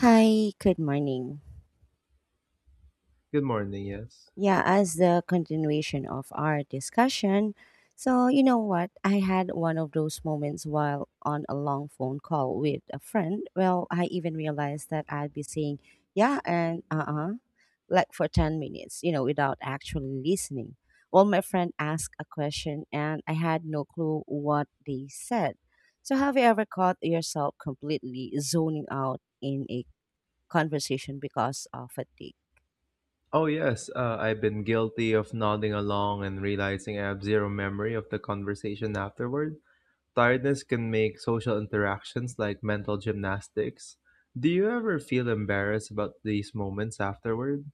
Hi, good morning. Good morning, yes. Yeah, as the continuation of our discussion, so you know what? I had one of those moments while on a long phone call with a friend. I even realized that I'd be saying, yeah, and like for 10 minutes, without actually listening. My friend asked a question and I had no clue what they said. So, have you ever caught yourself completely zoning out in a conversation because of fatigue? Oh, yes, I've been guilty of nodding along and realizing I have zero memory of the conversation afterward. Tiredness can make social interactions like mental gymnastics. Do you ever feel embarrassed about these moments afterward?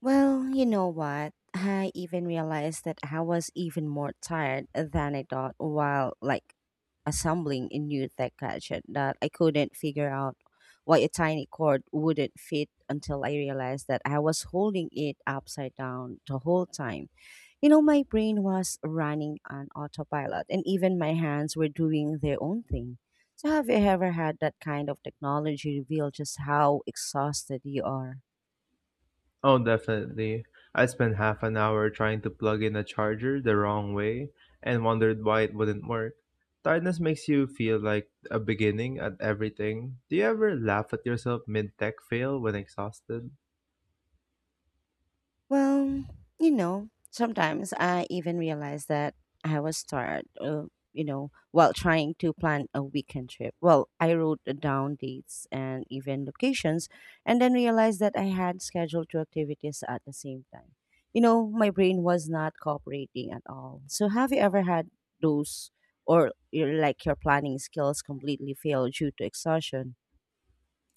Well, you know what? I even realized that I was even more tired than I thought while assembling a new tech gadget that I couldn't figure out why a tiny cord wouldn't fit until I realized that I was holding it upside down the whole time. My brain was running on autopilot and even my hands were doing their own thing. So have you ever had that kind of technology reveal just how exhausted you are? Oh, definitely. I spent half an hour trying to plug in a charger the wrong way and wondered why it wouldn't work. Tiredness makes you feel like a beginning at everything. Do you ever laugh at yourself mid tech fail when exhausted? Well, sometimes I even realize that I was tired, while trying to plan a weekend trip. I wrote down dates and even locations and then realized that I had scheduled two activities at the same time. My brain was not cooperating at all. So, have you ever had those or your, your planning skills completely fail due to exhaustion?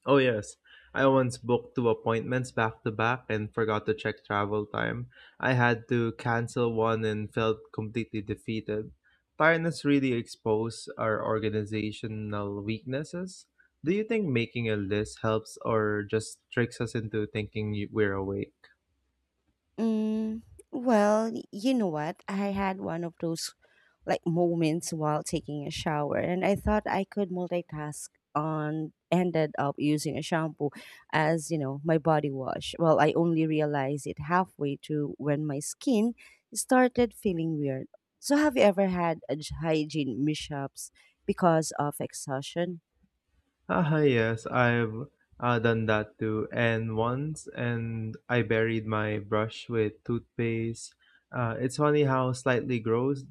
Oh, yes. I once booked two appointments back to back and forgot to check travel time. I had to cancel one and felt completely defeated. Tiredness really exposed our organizational weaknesses. Do you think making a list helps or just tricks us into thinking we're awake? Mm, well, you know what? I had one of those moments while taking a shower, and I thought I could multitask on ended up using a shampoo as my body wash. I only realized it halfway through when my skin started feeling weird. So, have you ever had a hygiene mishaps because of exhaustion? Ah, yes, I've done that too. And once, and I buried my brush with toothpaste. It's funny how slightly gross.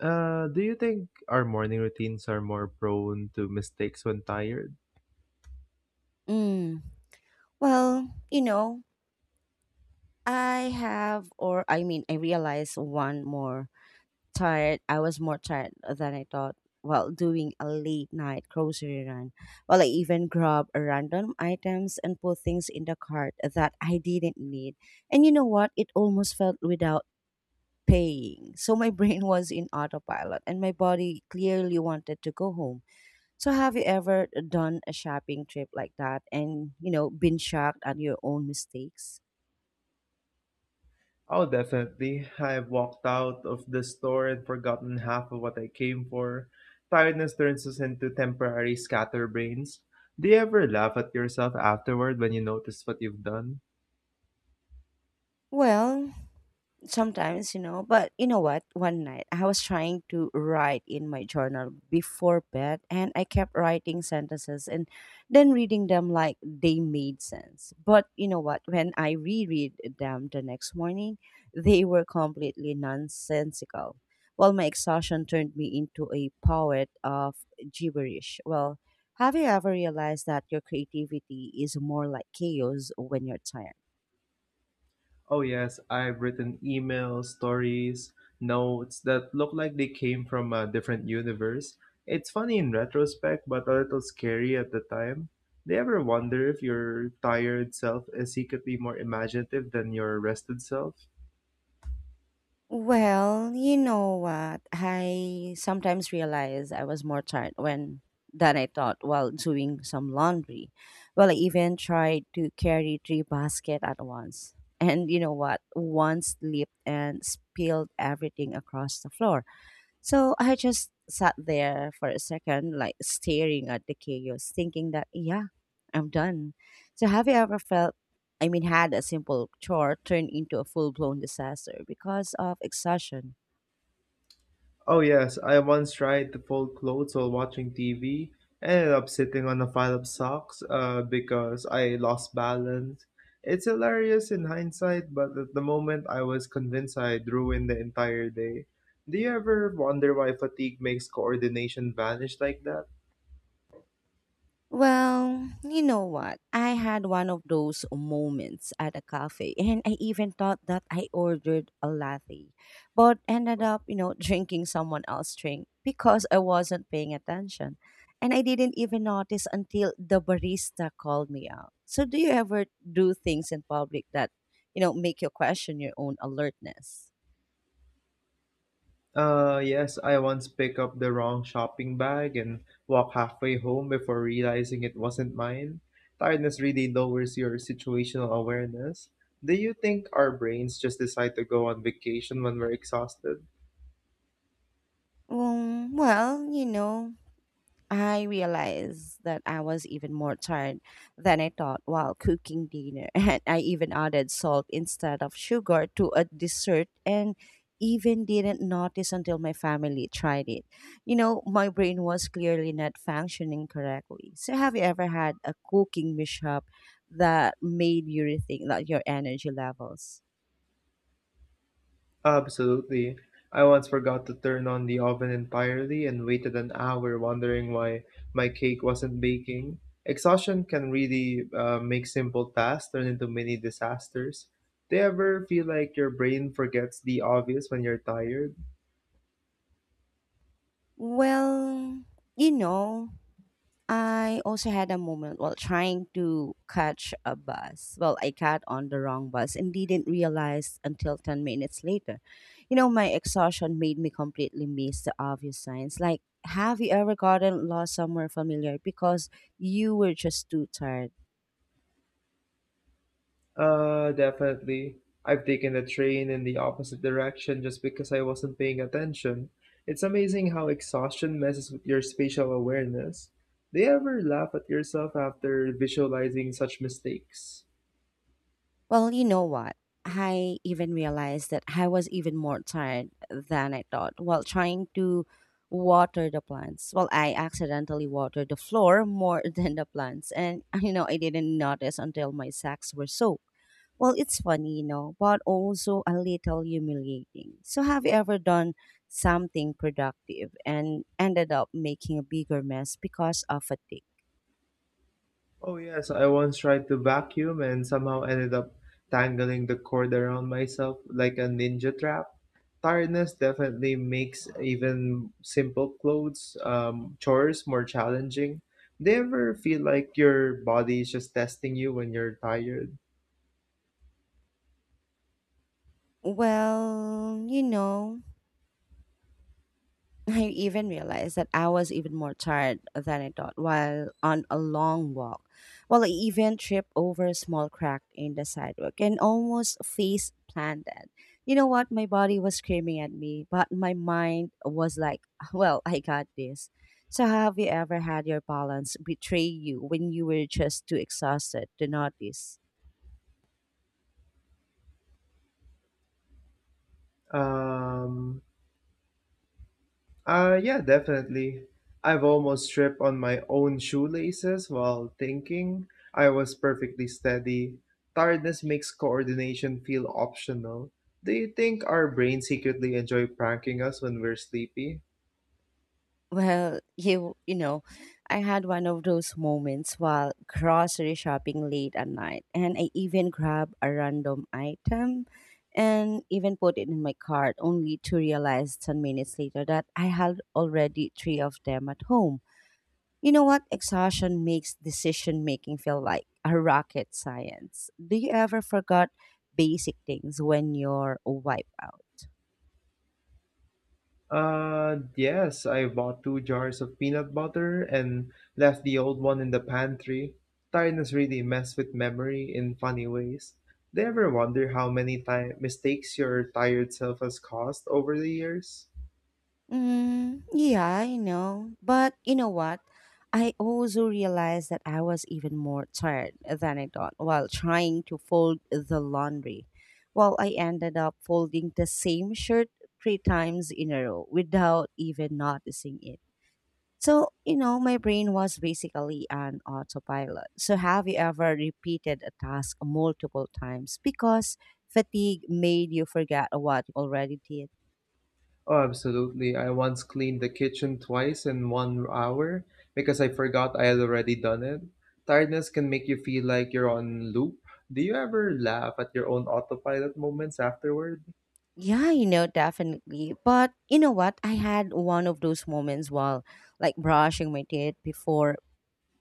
Do you think our morning routines are more prone to mistakes when tired? Mm. Well, you know, I have, or I mean, I realized one more tired. I was more tired than I thought while doing a late night grocery run. While I even grabbed random items and put things in the cart that I didn't need. And you know what? It almost felt without paying. So my brain was in autopilot and my body clearly wanted to go home. So have you ever done a shopping trip like that and, been shocked at your own mistakes? Oh, definitely. I've walked out of the store and forgotten half of what I came for. Tiredness turns us into temporary scatterbrains. Do you ever laugh at yourself afterward when you notice what you've done? Well, sometimes you know but you know what one night I was trying to write in my journal before bed and I kept writing sentences and then reading them like they made sense, but you know what when I reread them the next morning they were completely nonsensical. My exhaustion turned me into a poet of gibberish. Have you ever realized that your creativity is more like chaos when you're tired? Oh, yes, I've written emails, stories, notes that look like they came from a different universe. It's funny in retrospect, but a little scary at the time. Do you ever wonder if your tired self is secretly more imaginative than your rested self? Well, you know what? I sometimes realize I was more tired when than I thought while doing some laundry. I even tried to carry three baskets at once. And you know what? One slipped and spilled everything across the floor. So I just sat there for a second, staring at the chaos, thinking that, yeah, I'm done. So have you ever felt, I mean, had a simple chore turn into a full blown disaster because of exhaustion? Oh, yes, I once tried to fold clothes while watching TV and ended up sitting on a pile of socks because I lost balance. It's hilarious in hindsight, but at the moment I was convinced I would ruined the entire day. Do you ever wonder why fatigue makes coordination vanish like that? Well, you know what? I had one of those moments at a cafe, and I even thought that I ordered a latte, but ended up, drinking someone else's drink because I wasn't paying attention. And I didn't even notice until the barista called me out. So, do you ever do things in public that, make you question your own alertness? Yes, I once picked up the wrong shopping bag and walked halfway home before realizing it wasn't mine. Tiredness really lowers your situational awareness. Do you think our brains just decide to go on vacation when we're exhausted? Um, well, you know, I realized that I was even more tired than I thought while cooking dinner, and I even added salt instead of sugar to a dessert and even didn't notice until my family tried it. My brain was clearly not functioning correctly. So, have you ever had a cooking mishap that made you rethink your energy levels? Absolutely. I once forgot to turn on the oven entirely and waited an hour wondering why my cake wasn't baking. Exhaustion can really make simple tasks turn into mini disasters. Do you ever feel like your brain forgets the obvious when you're tired? Well, you know, I also had a moment while trying to catch a bus. I got on the wrong bus and didn't realize until 10 minutes later. My exhaustion made me completely miss the obvious signs. Like, have you ever gotten lost somewhere familiar because you were just too tired? Definitely. I've taken the train in the opposite direction just because I wasn't paying attention. It's amazing how exhaustion messes with your spatial awareness. Do you ever laugh at yourself after visualizing such mistakes? Well, you know what? I even realized that I was even more tired than I thought while trying to water the plants. I accidentally watered the floor more than the plants, and I didn't notice until my sacks were soaked. Well, it's funny, you know, but also a little humiliating. So, have you ever done something productive and ended up making a bigger mess because of a tick? Oh, yes, I once tried to vacuum and somehow ended up tangling the cord around myself like a ninja trap. Tiredness definitely makes even simple clothes, chores more challenging. Do you ever feel like your body is just testing you when you're tired? Well, you know, I even realized that I was even more tired than I thought while on a long walk. I even tripped over a small crack in the sidewalk and almost face planted. You know what? My body was screaming at me, but my mind was like, well, I got this. So, have you ever had your balance betray you when you were just too exhausted to notice? Um, yeah, definitely. I've almost tripped on my own shoelaces while thinking I was perfectly steady. Tiredness makes coordination feel optional. Do you think our brains secretly enjoy pranking us when we're sleepy? Well, you you know, I had one of those moments while grocery shopping late at night, and I even grabbed a random item and even put it in my cart only to realize 10 minutes later that I had already three of them at home. You know what? Exhaustion makes decision making feel like a rocket science. Do you ever forgot basic things when you're wiped out? Yes, I bought two jars of peanut butter and left the old one in the pantry. Tiredness really messed with memory in funny ways. Do you ever wonder how many time mistakes your tired self has caused over the years? Mm, yeah, I know. But you know what? I also realized that I was even more tired than I thought while trying to fold the laundry. I ended up folding the same shirt three times in a row without even noticing it. So, my brain was basically an autopilot. So, have you ever repeated a task multiple times because fatigue made you forget what you already did? Oh, absolutely. I once cleaned the kitchen twice in one hour because I forgot I had already done it. Tiredness can make you feel like you're on loop. Do you ever laugh at your own autopilot moments afterward? Yeah, definitely. But you know what? I had one of those moments while brushing my teeth before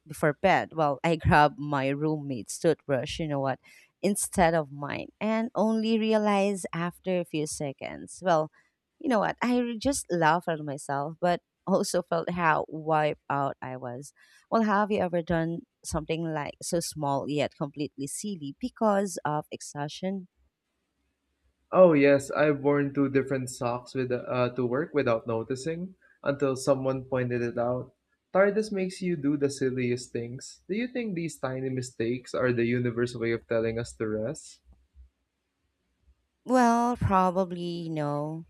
before bed. I grabbed my roommate's toothbrush, instead of mine and only realized after a few seconds. Well, you know what? I just laughed at myself, but also felt how wiped out I was. Have you ever done something so small yet completely silly because of exhaustion? Oh, yes, I've worn two different socks with to work without noticing until someone pointed it out. Tiredness makes you do the silliest things. Do you think these tiny mistakes are the universe way of telling us to rest? Probably no.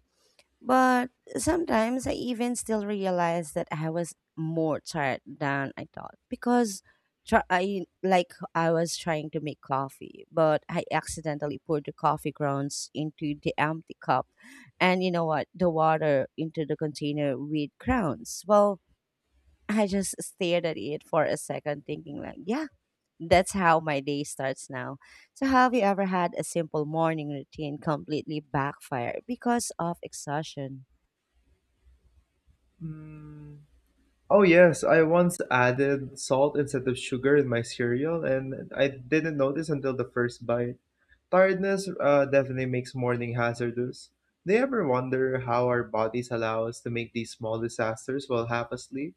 But sometimes I even still realize that I was more tired than I thought because try, I like I was trying to make coffee, but I accidentally poured the coffee grounds into the empty cup, and you know what? The water into the container with crowns. I just stared at it for a second, thinking like, yeah. That's how my day starts now. So, have you ever had a simple morning routine completely backfire because of exhaustion? Hmm. Oh yes, I once added salt instead of sugar in my cereal, and I didn't notice until the first bite. Tiredness definitely makes morning hazardous. Do you ever wonder how our bodies allow us to make these small disasters while half asleep?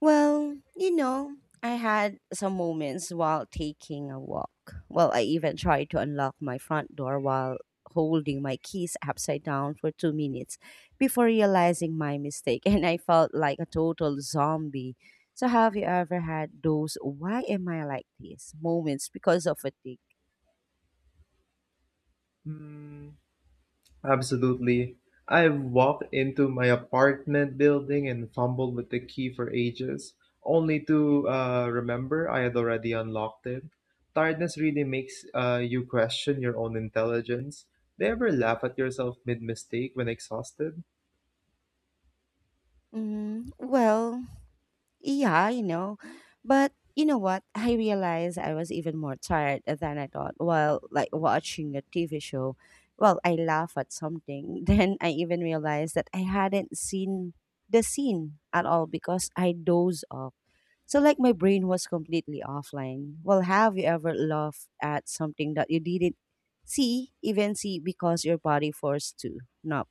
Well, you know, I had some moments while taking a walk. I even tried to unlock my front door while holding my keys upside down for 2 minutes before realizing my mistake, and I felt like a total zombie. So, have you ever had those "why am I like this" moments because of fatigue? Hmm. Absolutely. I've walked into my apartment building and fumbled with the key for ages, only to remember I had already unlocked it. Tiredness really makes you question your own intelligence. Do you ever laugh at yourself mid mistake when exhausted? Mm, well, Yeah, you know. But you know what? I realized I was even more tired than I thought while watching a TV show. I laugh at something. Then I even realized that I hadn't seen the scene at all because I dozed off. So my brain was completely offline. Have you ever laughed at something that you didn't even see because your body forced to? No.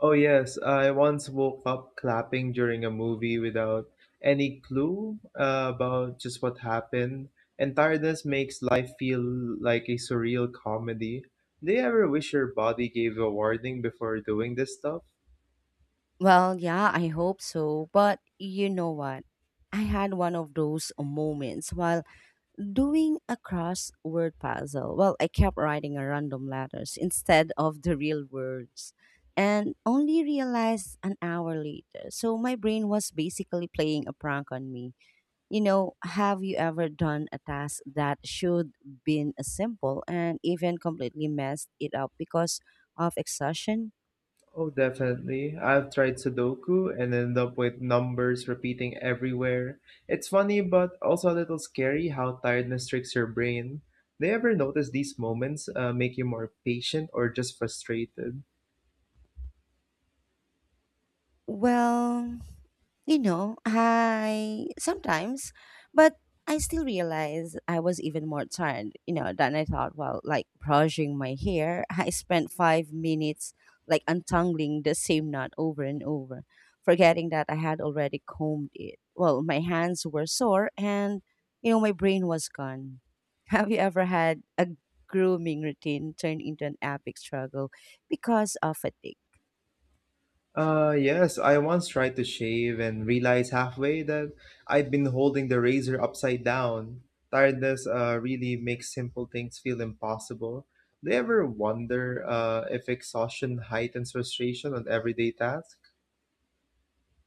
Oh, yes, I once woke up clapping during a movie without any clue about just what happened. And tiredness makes life feel like a surreal comedy. Do you ever wish your body gave a warning before doing this stuff? Yeah, I hope so. But you know what? I had one of those moments while doing a crossword puzzle. I kept writing a random letters instead of the real words and only realized an hour later. So my brain was basically playing a prank on me. Have you ever done a task that should been a simple and even completely messed it up because of exhaustion? Oh, definitely. I've tried Sudoku and ended up with numbers repeating everywhere. It's funny, but also a little scary how tiredness tricks your brain. Do you ever notice these moments make you more patient or just frustrated? Well, You know, I sometimes, but I still realize I was even more tired, than I thought while brushing my hair. I spent 5 minutes untangling the same knot over and over, forgetting that I had already combed it. My hands were sore and, my brain was gone. Have you ever had a grooming routine turn into an epic struggle because of fatigue? Yes, I once tried to shave and realized halfway that I'd been holding the razor upside down. Tiredness really makes simple things feel impossible. Do you ever wonder if exhaustion heightens frustration on everyday tasks?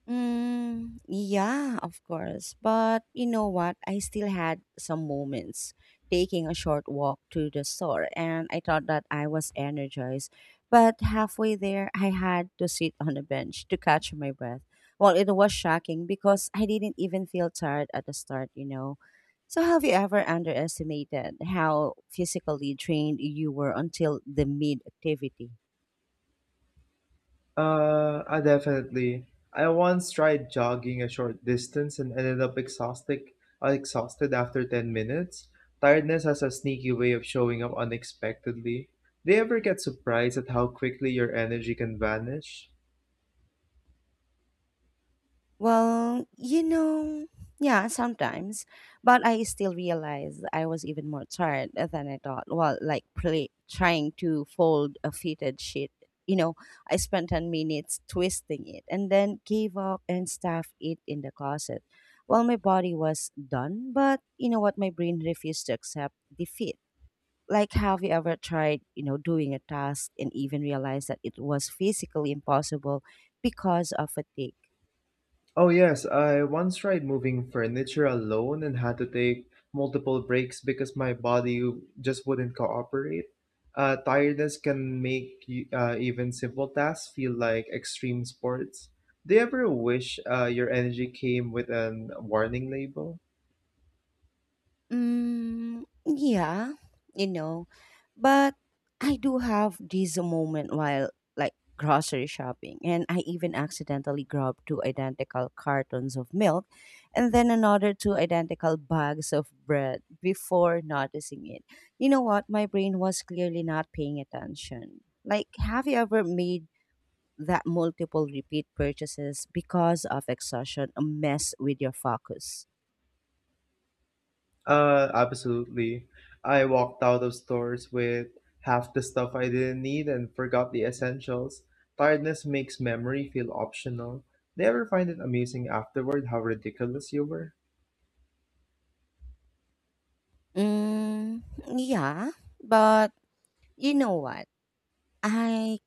Mm, yeah, of course. But you know what? I still had some moments taking a short walk to the store, and I thought that I was energized. But halfway there, I had to sit on a bench to catch my breath. It was shocking because I didn't even feel tired at the start, So, have you ever underestimated how physically trained you were until the mid activity? I definitely. I once tried jogging a short distance and ended up exhausted after 10 minutes. Tiredness has a sneaky way of showing up unexpectedly. Do you ever get surprised at how quickly your energy can vanish? Well, you know, yeah, sometimes, but I still realized I was even more tired than I thought. Well, like trying to fold a fitted sheet. You know, I spent 10 minutes twisting it and then gave up and stuffed it in the closet. Well, my body was done, but you know what? My brain refused to accept defeat. Like, have you ever tried, doing a task and even realized that it was physically impossible because of fatigue? Oh, yes, I once tried moving furniture alone and had to take multiple breaks because my body just wouldn't cooperate. Tiredness can make even simple tasks feel like extreme sports. Do you ever wish your energy came with an warning label? Mm, yeah, you know, but I do have this moment while like grocery shopping, and I even accidentally grabbed two identical cartons of milk and then another two identical bags of bread before noticing it. You know what? My brain was clearly not paying attention. Like, have you ever made that multiple repeat purchases because of exhaustion mess with your focus? Absolutely. I walked out of stores with half the stuff I didn't need and forgot the essentials. Tiredness makes memory feel optional. Do you ever find it amusing afterward how ridiculous you were? Mm, yeah, but you know what? I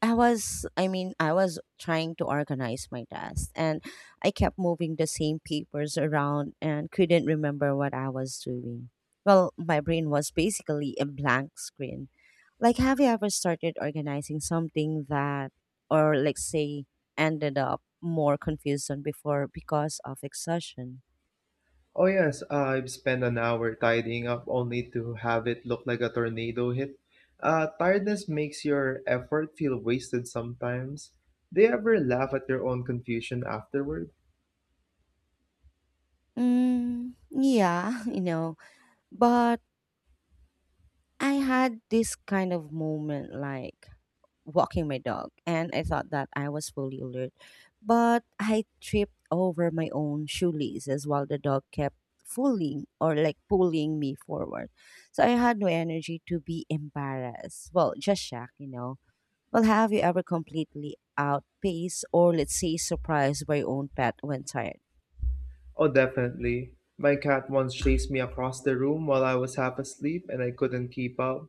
I mean, I was trying to organize my desk and I kept moving the same papers around and couldn't remember what I was doing. Well, my brain was basically a blank screen. Like, have you ever started organizing something that, or like, say, ended up more confused than before because of exhaustion? Oh, yes, I've spent an hour tidying up only to have it look like a tornado hit. Tiredness makes your effort feel wasted sometimes. Do you ever laugh at your own confusion afterward? Mm, yeah, you know, but I had this kind of moment like walking my dog, and I thought that I was fully alert, but I tripped over my own shoelaces while the dog kept fooling or like pulling me forward. So I had no energy to be embarrassed. Well, just shocked, you know. Well, have you ever completely outpaced or, let's say, surprised by your own pet when tired? Oh, definitely. My cat once chased me across the room while I was half asleep and I couldn't keep up.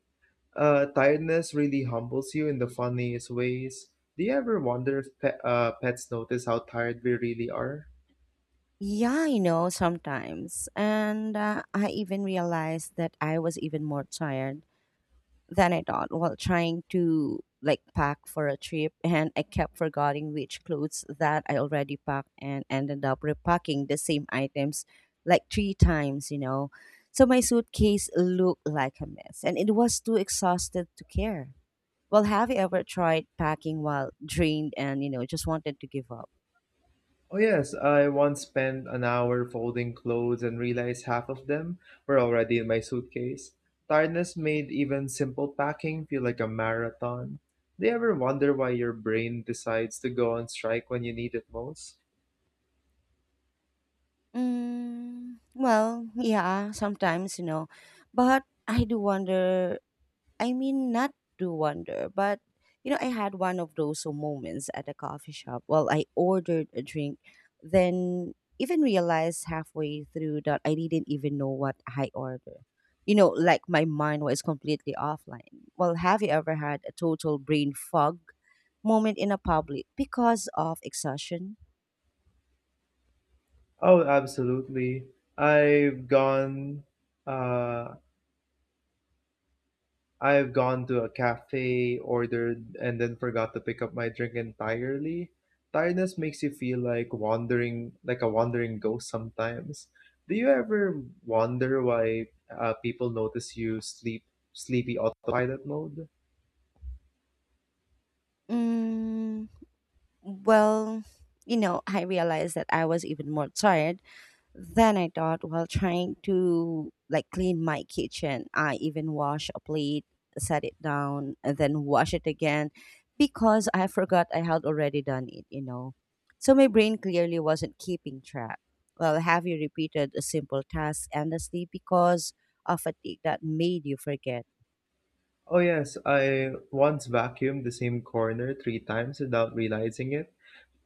Tiredness really humbles you in the funniest ways. Do you ever wonder if pets notice how tired we really are? Yeah, you know, sometimes. And I even realized that I was even more tired than I thought while trying to like pack for a trip. And I kept forgetting which clothes that I already packed and ended up repacking the same items like three times, you know. So my suitcase looked like a mess and it was too exhausted to care. Well, have you ever tried packing while drained and, you know, just wanted to give up? Oh, yes, I once spent an hour folding clothes and realized half of them were already in my suitcase. Tiredness made even simple packing feel like a marathon. Do you ever wonder why your brain decides to go on strike when you need it most? Mm, well, yeah, sometimes, you know, but I do wonder, I mean, not to wonder, but you know, I had one of those moments at a coffee shop. Well, I ordered a drink, then even realized halfway through that I didn't even know what I ordered. You know, like my mind was completely offline. Well, have you ever had a total brain fog moment in a public because of exhaustion? Oh, absolutely. I've gone uh I've gone to a cafe, ordered, and then forgot to pick up my drink entirely. Tiredness makes you feel like wandering, like a wandering ghost sometimes. Do you ever wonder why people notice you sleepy autopilot mode? Mm, well, you know, I realized that I was even more tired then I thought while trying to like clean my kitchen. I even wash a plate, set it down, and then wash it again because I forgot I had already done it, you know. So my brain clearly wasn't keeping track. Well, have you repeated a simple task endlessly because of fatigue that made you forget? Oh yes, I once vacuumed the same corner three times without realizing it.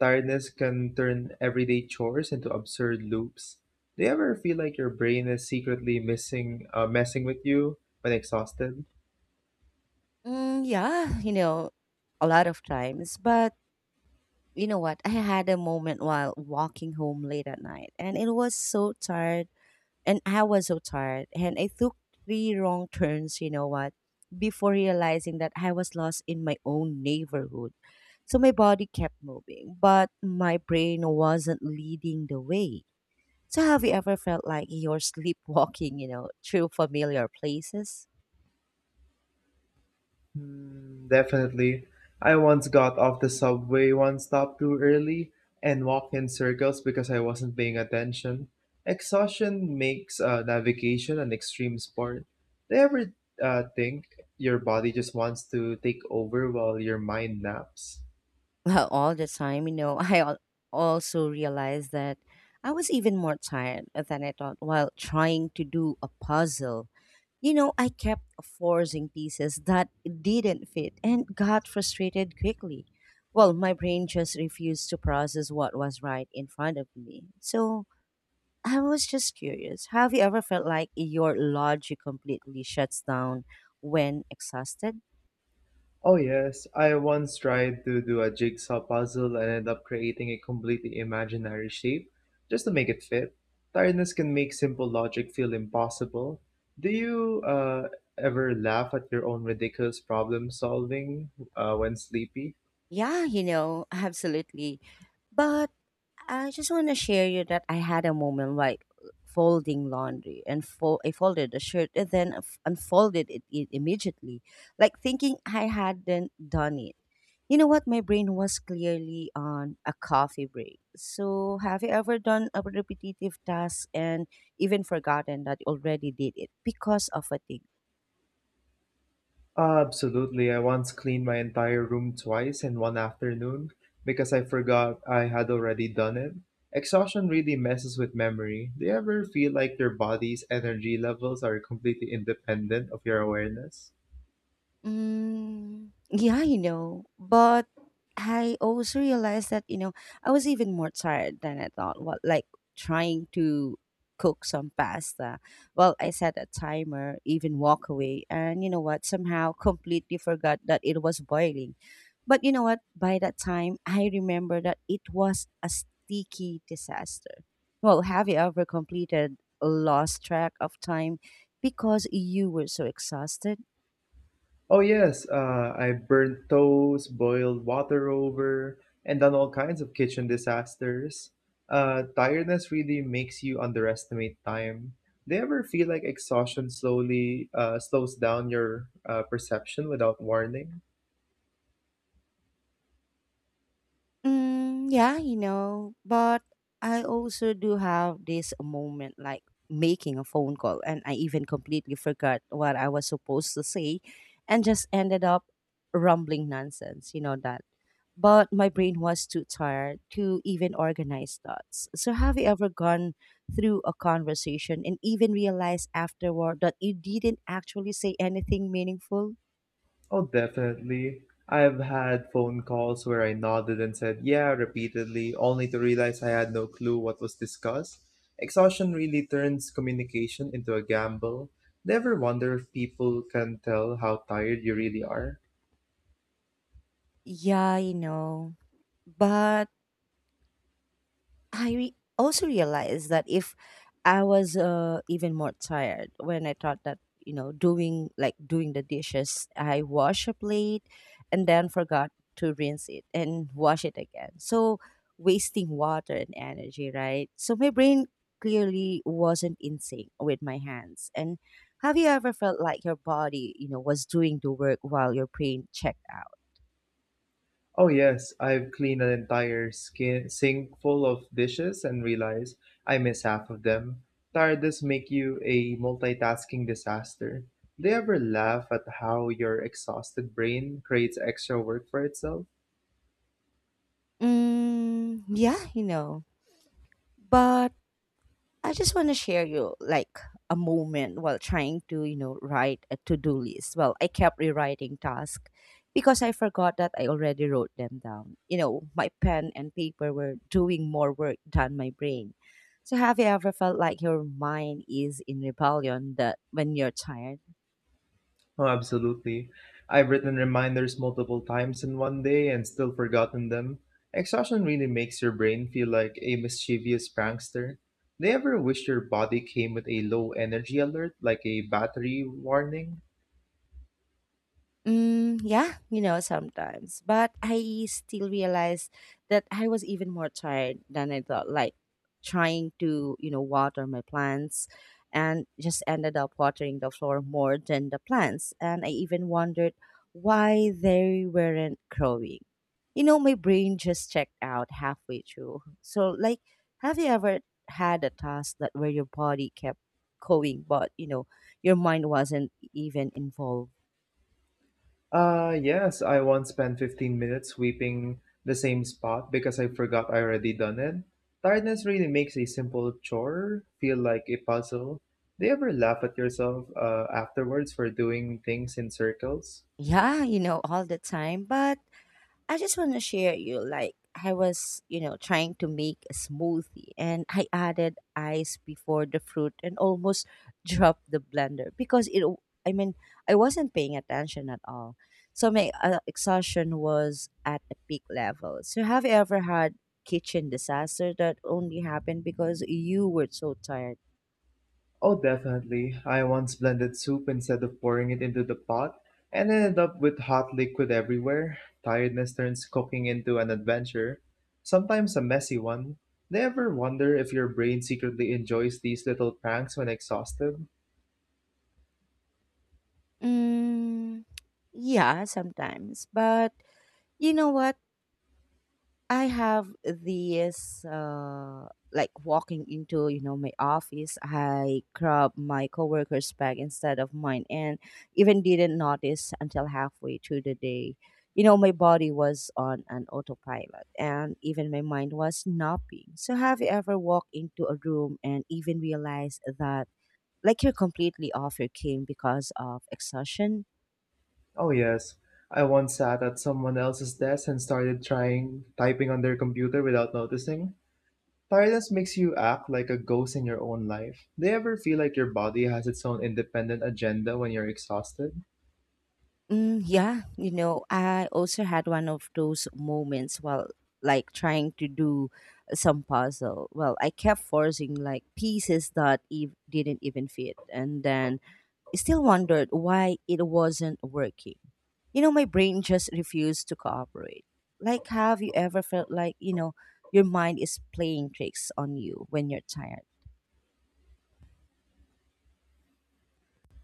Tiredness can turn everyday chores into absurd loops. Do you ever feel like your brain is secretly messing with you when exhausted? Mm, yeah, you know, a lot of times. But you know what? I had a moment while walking home late at night and it was so tired. And I was so tired. And I took three wrong turns, you know what, before realizing that I was lost in my own neighborhood. So my body kept moving, but my brain wasn't leading the way. So have you ever felt like you're sleepwalking, you know, through familiar places? Hmm, definitely. I once got off the subway one stop too early and walked in circles because I wasn't paying attention. Exhaustion makes navigation an extreme sport. Do you ever think your body just wants to take over while your mind naps? Well, all the time, you know, also realized that I was even more tired than I thought while trying to do a puzzle. You know, I kept forcing pieces that didn't fit and got frustrated quickly. Well, my brain just refused to process what was right in front of me. So I was just curious, have you ever felt like your logic completely shuts down when exhausted? Oh, yes. I once tried to do a jigsaw puzzle and ended up creating a completely imaginary shape just to make it fit. Tiredness can make simple logic feel impossible. Do you ever laugh at your own ridiculous problem solving when sleepy? Yeah, you know, absolutely. But I just want to share you that I had a moment like folding laundry and I folded the shirt and then unfolded it immediately, like thinking I hadn't done it. You know what? My brain was clearly on a coffee break. So, have you ever done a repetitive task and even forgotten that you already did it because of fatigue? Absolutely. I once cleaned my entire room twice in one afternoon because I forgot I had already done it. Exhaustion really messes with memory. Do you ever feel like your body's energy levels are completely independent of your awareness? Mm, yeah, you know, but I also realized that, you know, I was even more tired than I thought. What, like trying to cook some pasta. Well, I set a timer, even walk away, and you know what? Somehow completely forgot that it was boiling. But you know what? By that time, I remember that it was a sticky disaster. Well, have you ever completed lost track of time because you were so exhausted? Oh yes, I burned toast, boiled water over, and done all kinds of kitchen disasters. Tiredness really makes you underestimate time. Do you ever feel like exhaustion slowly slows down your perception without warning? Mm, yeah, you know, but I also do have this moment like making a phone call, and I even completely forgot what I was supposed to say and just ended up rumbling nonsense, you know, that. But my brain was too tired to even organize thoughts. So, have you ever gone through a conversation and even realized afterward that you didn't actually say anything meaningful? Oh, definitely. I've had phone calls where I nodded and said, yeah, repeatedly, only to realize I had no clue what was discussed. Exhaustion really turns communication into a gamble. Never wonder if people can tell how tired you really are. Yeah, you know, but also realized that if I was even more tired when I thought that, you know, doing like doing the dishes, I wash a plate and then forgot to rinse it and wash it again. So wasting water and energy, right? So my brain clearly wasn't in sync with my hands. And have you ever felt like your body, you know, was doing the work while your brain checked out? Oh, yes, I've cleaned an entire skin sink full of dishes and realized I miss half of them. Tiredness make you a multitasking disaster. Do you ever laugh at how your exhausted brain creates extra work for itself? Mm, yeah, you know. But I just want to share you like a moment while trying to, you know, write a to-do list. Well, I kept rewriting tasks because I forgot that I already wrote them down. You know, my pen and paper were doing more work than my brain. So have you ever felt like your mind is in rebellion that when you're tired? Oh, absolutely. I've written reminders multiple times in one day and still forgotten them. Exhaustion really makes your brain feel like a mischievous prankster. Do you ever wish your body came with a low energy alert, like a battery warning? Mm, yeah, you know, sometimes. But I still realized that I was even more tired than I thought, like trying to, you know, water my plants and just ended up watering the floor more than the plants. And I even wondered why they weren't growing. You know, my brain just checked out halfway through. So, like, have you ever had a task that where your body kept going, but, you know, your mind wasn't even involved? Yes, I once spent 15 minutes sweeping the same spot because I forgot I already done it. Tiredness really makes a simple chore feel like a puzzle. Do you ever laugh at yourself afterwards for doing things in circles? Yeah, you know, all the time. But I just want to share you like I was, you know, trying to make a smoothie and I added ice before the fruit and almost dropped the blender because I mean, I wasn't paying attention at all. So my exhaustion was at a peak level. So have you ever had kitchen disaster that only happened because you were so tired? Oh, definitely. I once blended soup instead of pouring it into the pot and ended up with hot liquid everywhere. Tiredness turns cooking into an adventure, sometimes a messy one. Do you ever wonder if your brain secretly enjoys these little pranks when exhausted? Mm, yeah, sometimes. But you know what? I have this like walking into you know my office. I grab my coworker's bag instead of mine, and even didn't notice until halfway through the day. You know, my body was on an autopilot, and even my mind was napping. So, have you ever walked into a room and even realized that like you're completely off your game because of exhaustion? Oh, yes. I once sat at someone else's desk and started trying typing on their computer without noticing. Tiredness makes you act like a ghost in your own life. Do you ever feel like your body has its own independent agenda when you're exhausted? Mm, yeah, you know, I also had one of those moments while like trying to do some puzzle. Well, I kept forcing like pieces that didn't even fit, and then I still wondered why it wasn't working. You know, my brain just refused to cooperate. Like, have you ever felt like, you know, your mind is playing tricks on you when you're tired?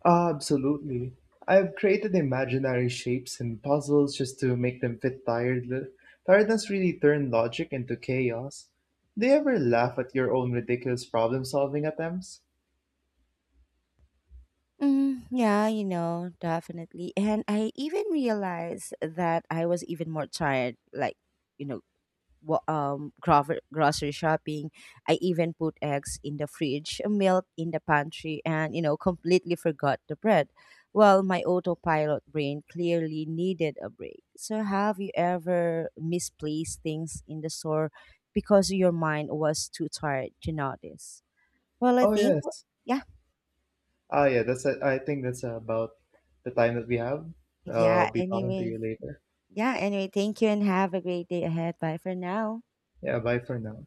Absolutely. I've created imaginary shapes and puzzles just to make them fit tired tiredness really turned logic into chaos. Do you ever laugh at your own ridiculous problem solving attempts? Mm, yeah, you know, definitely. And I even realized that I was even more tired, like, you know, grocery shopping. I even put eggs in the fridge, milk in the pantry, and, you know, completely forgot the bread. Well, my autopilot brain clearly needed a break. So, have you ever misplaced things in the store because your mind was too tired to notice? Well, I Oh think, yes. yeah, Ah yeah, that's it. I think that's about the time that we have. Yeah, I'll be talking to anyway. you later. Yeah, anyway, thank you and have a great day ahead. Bye for now. Yeah, bye for now.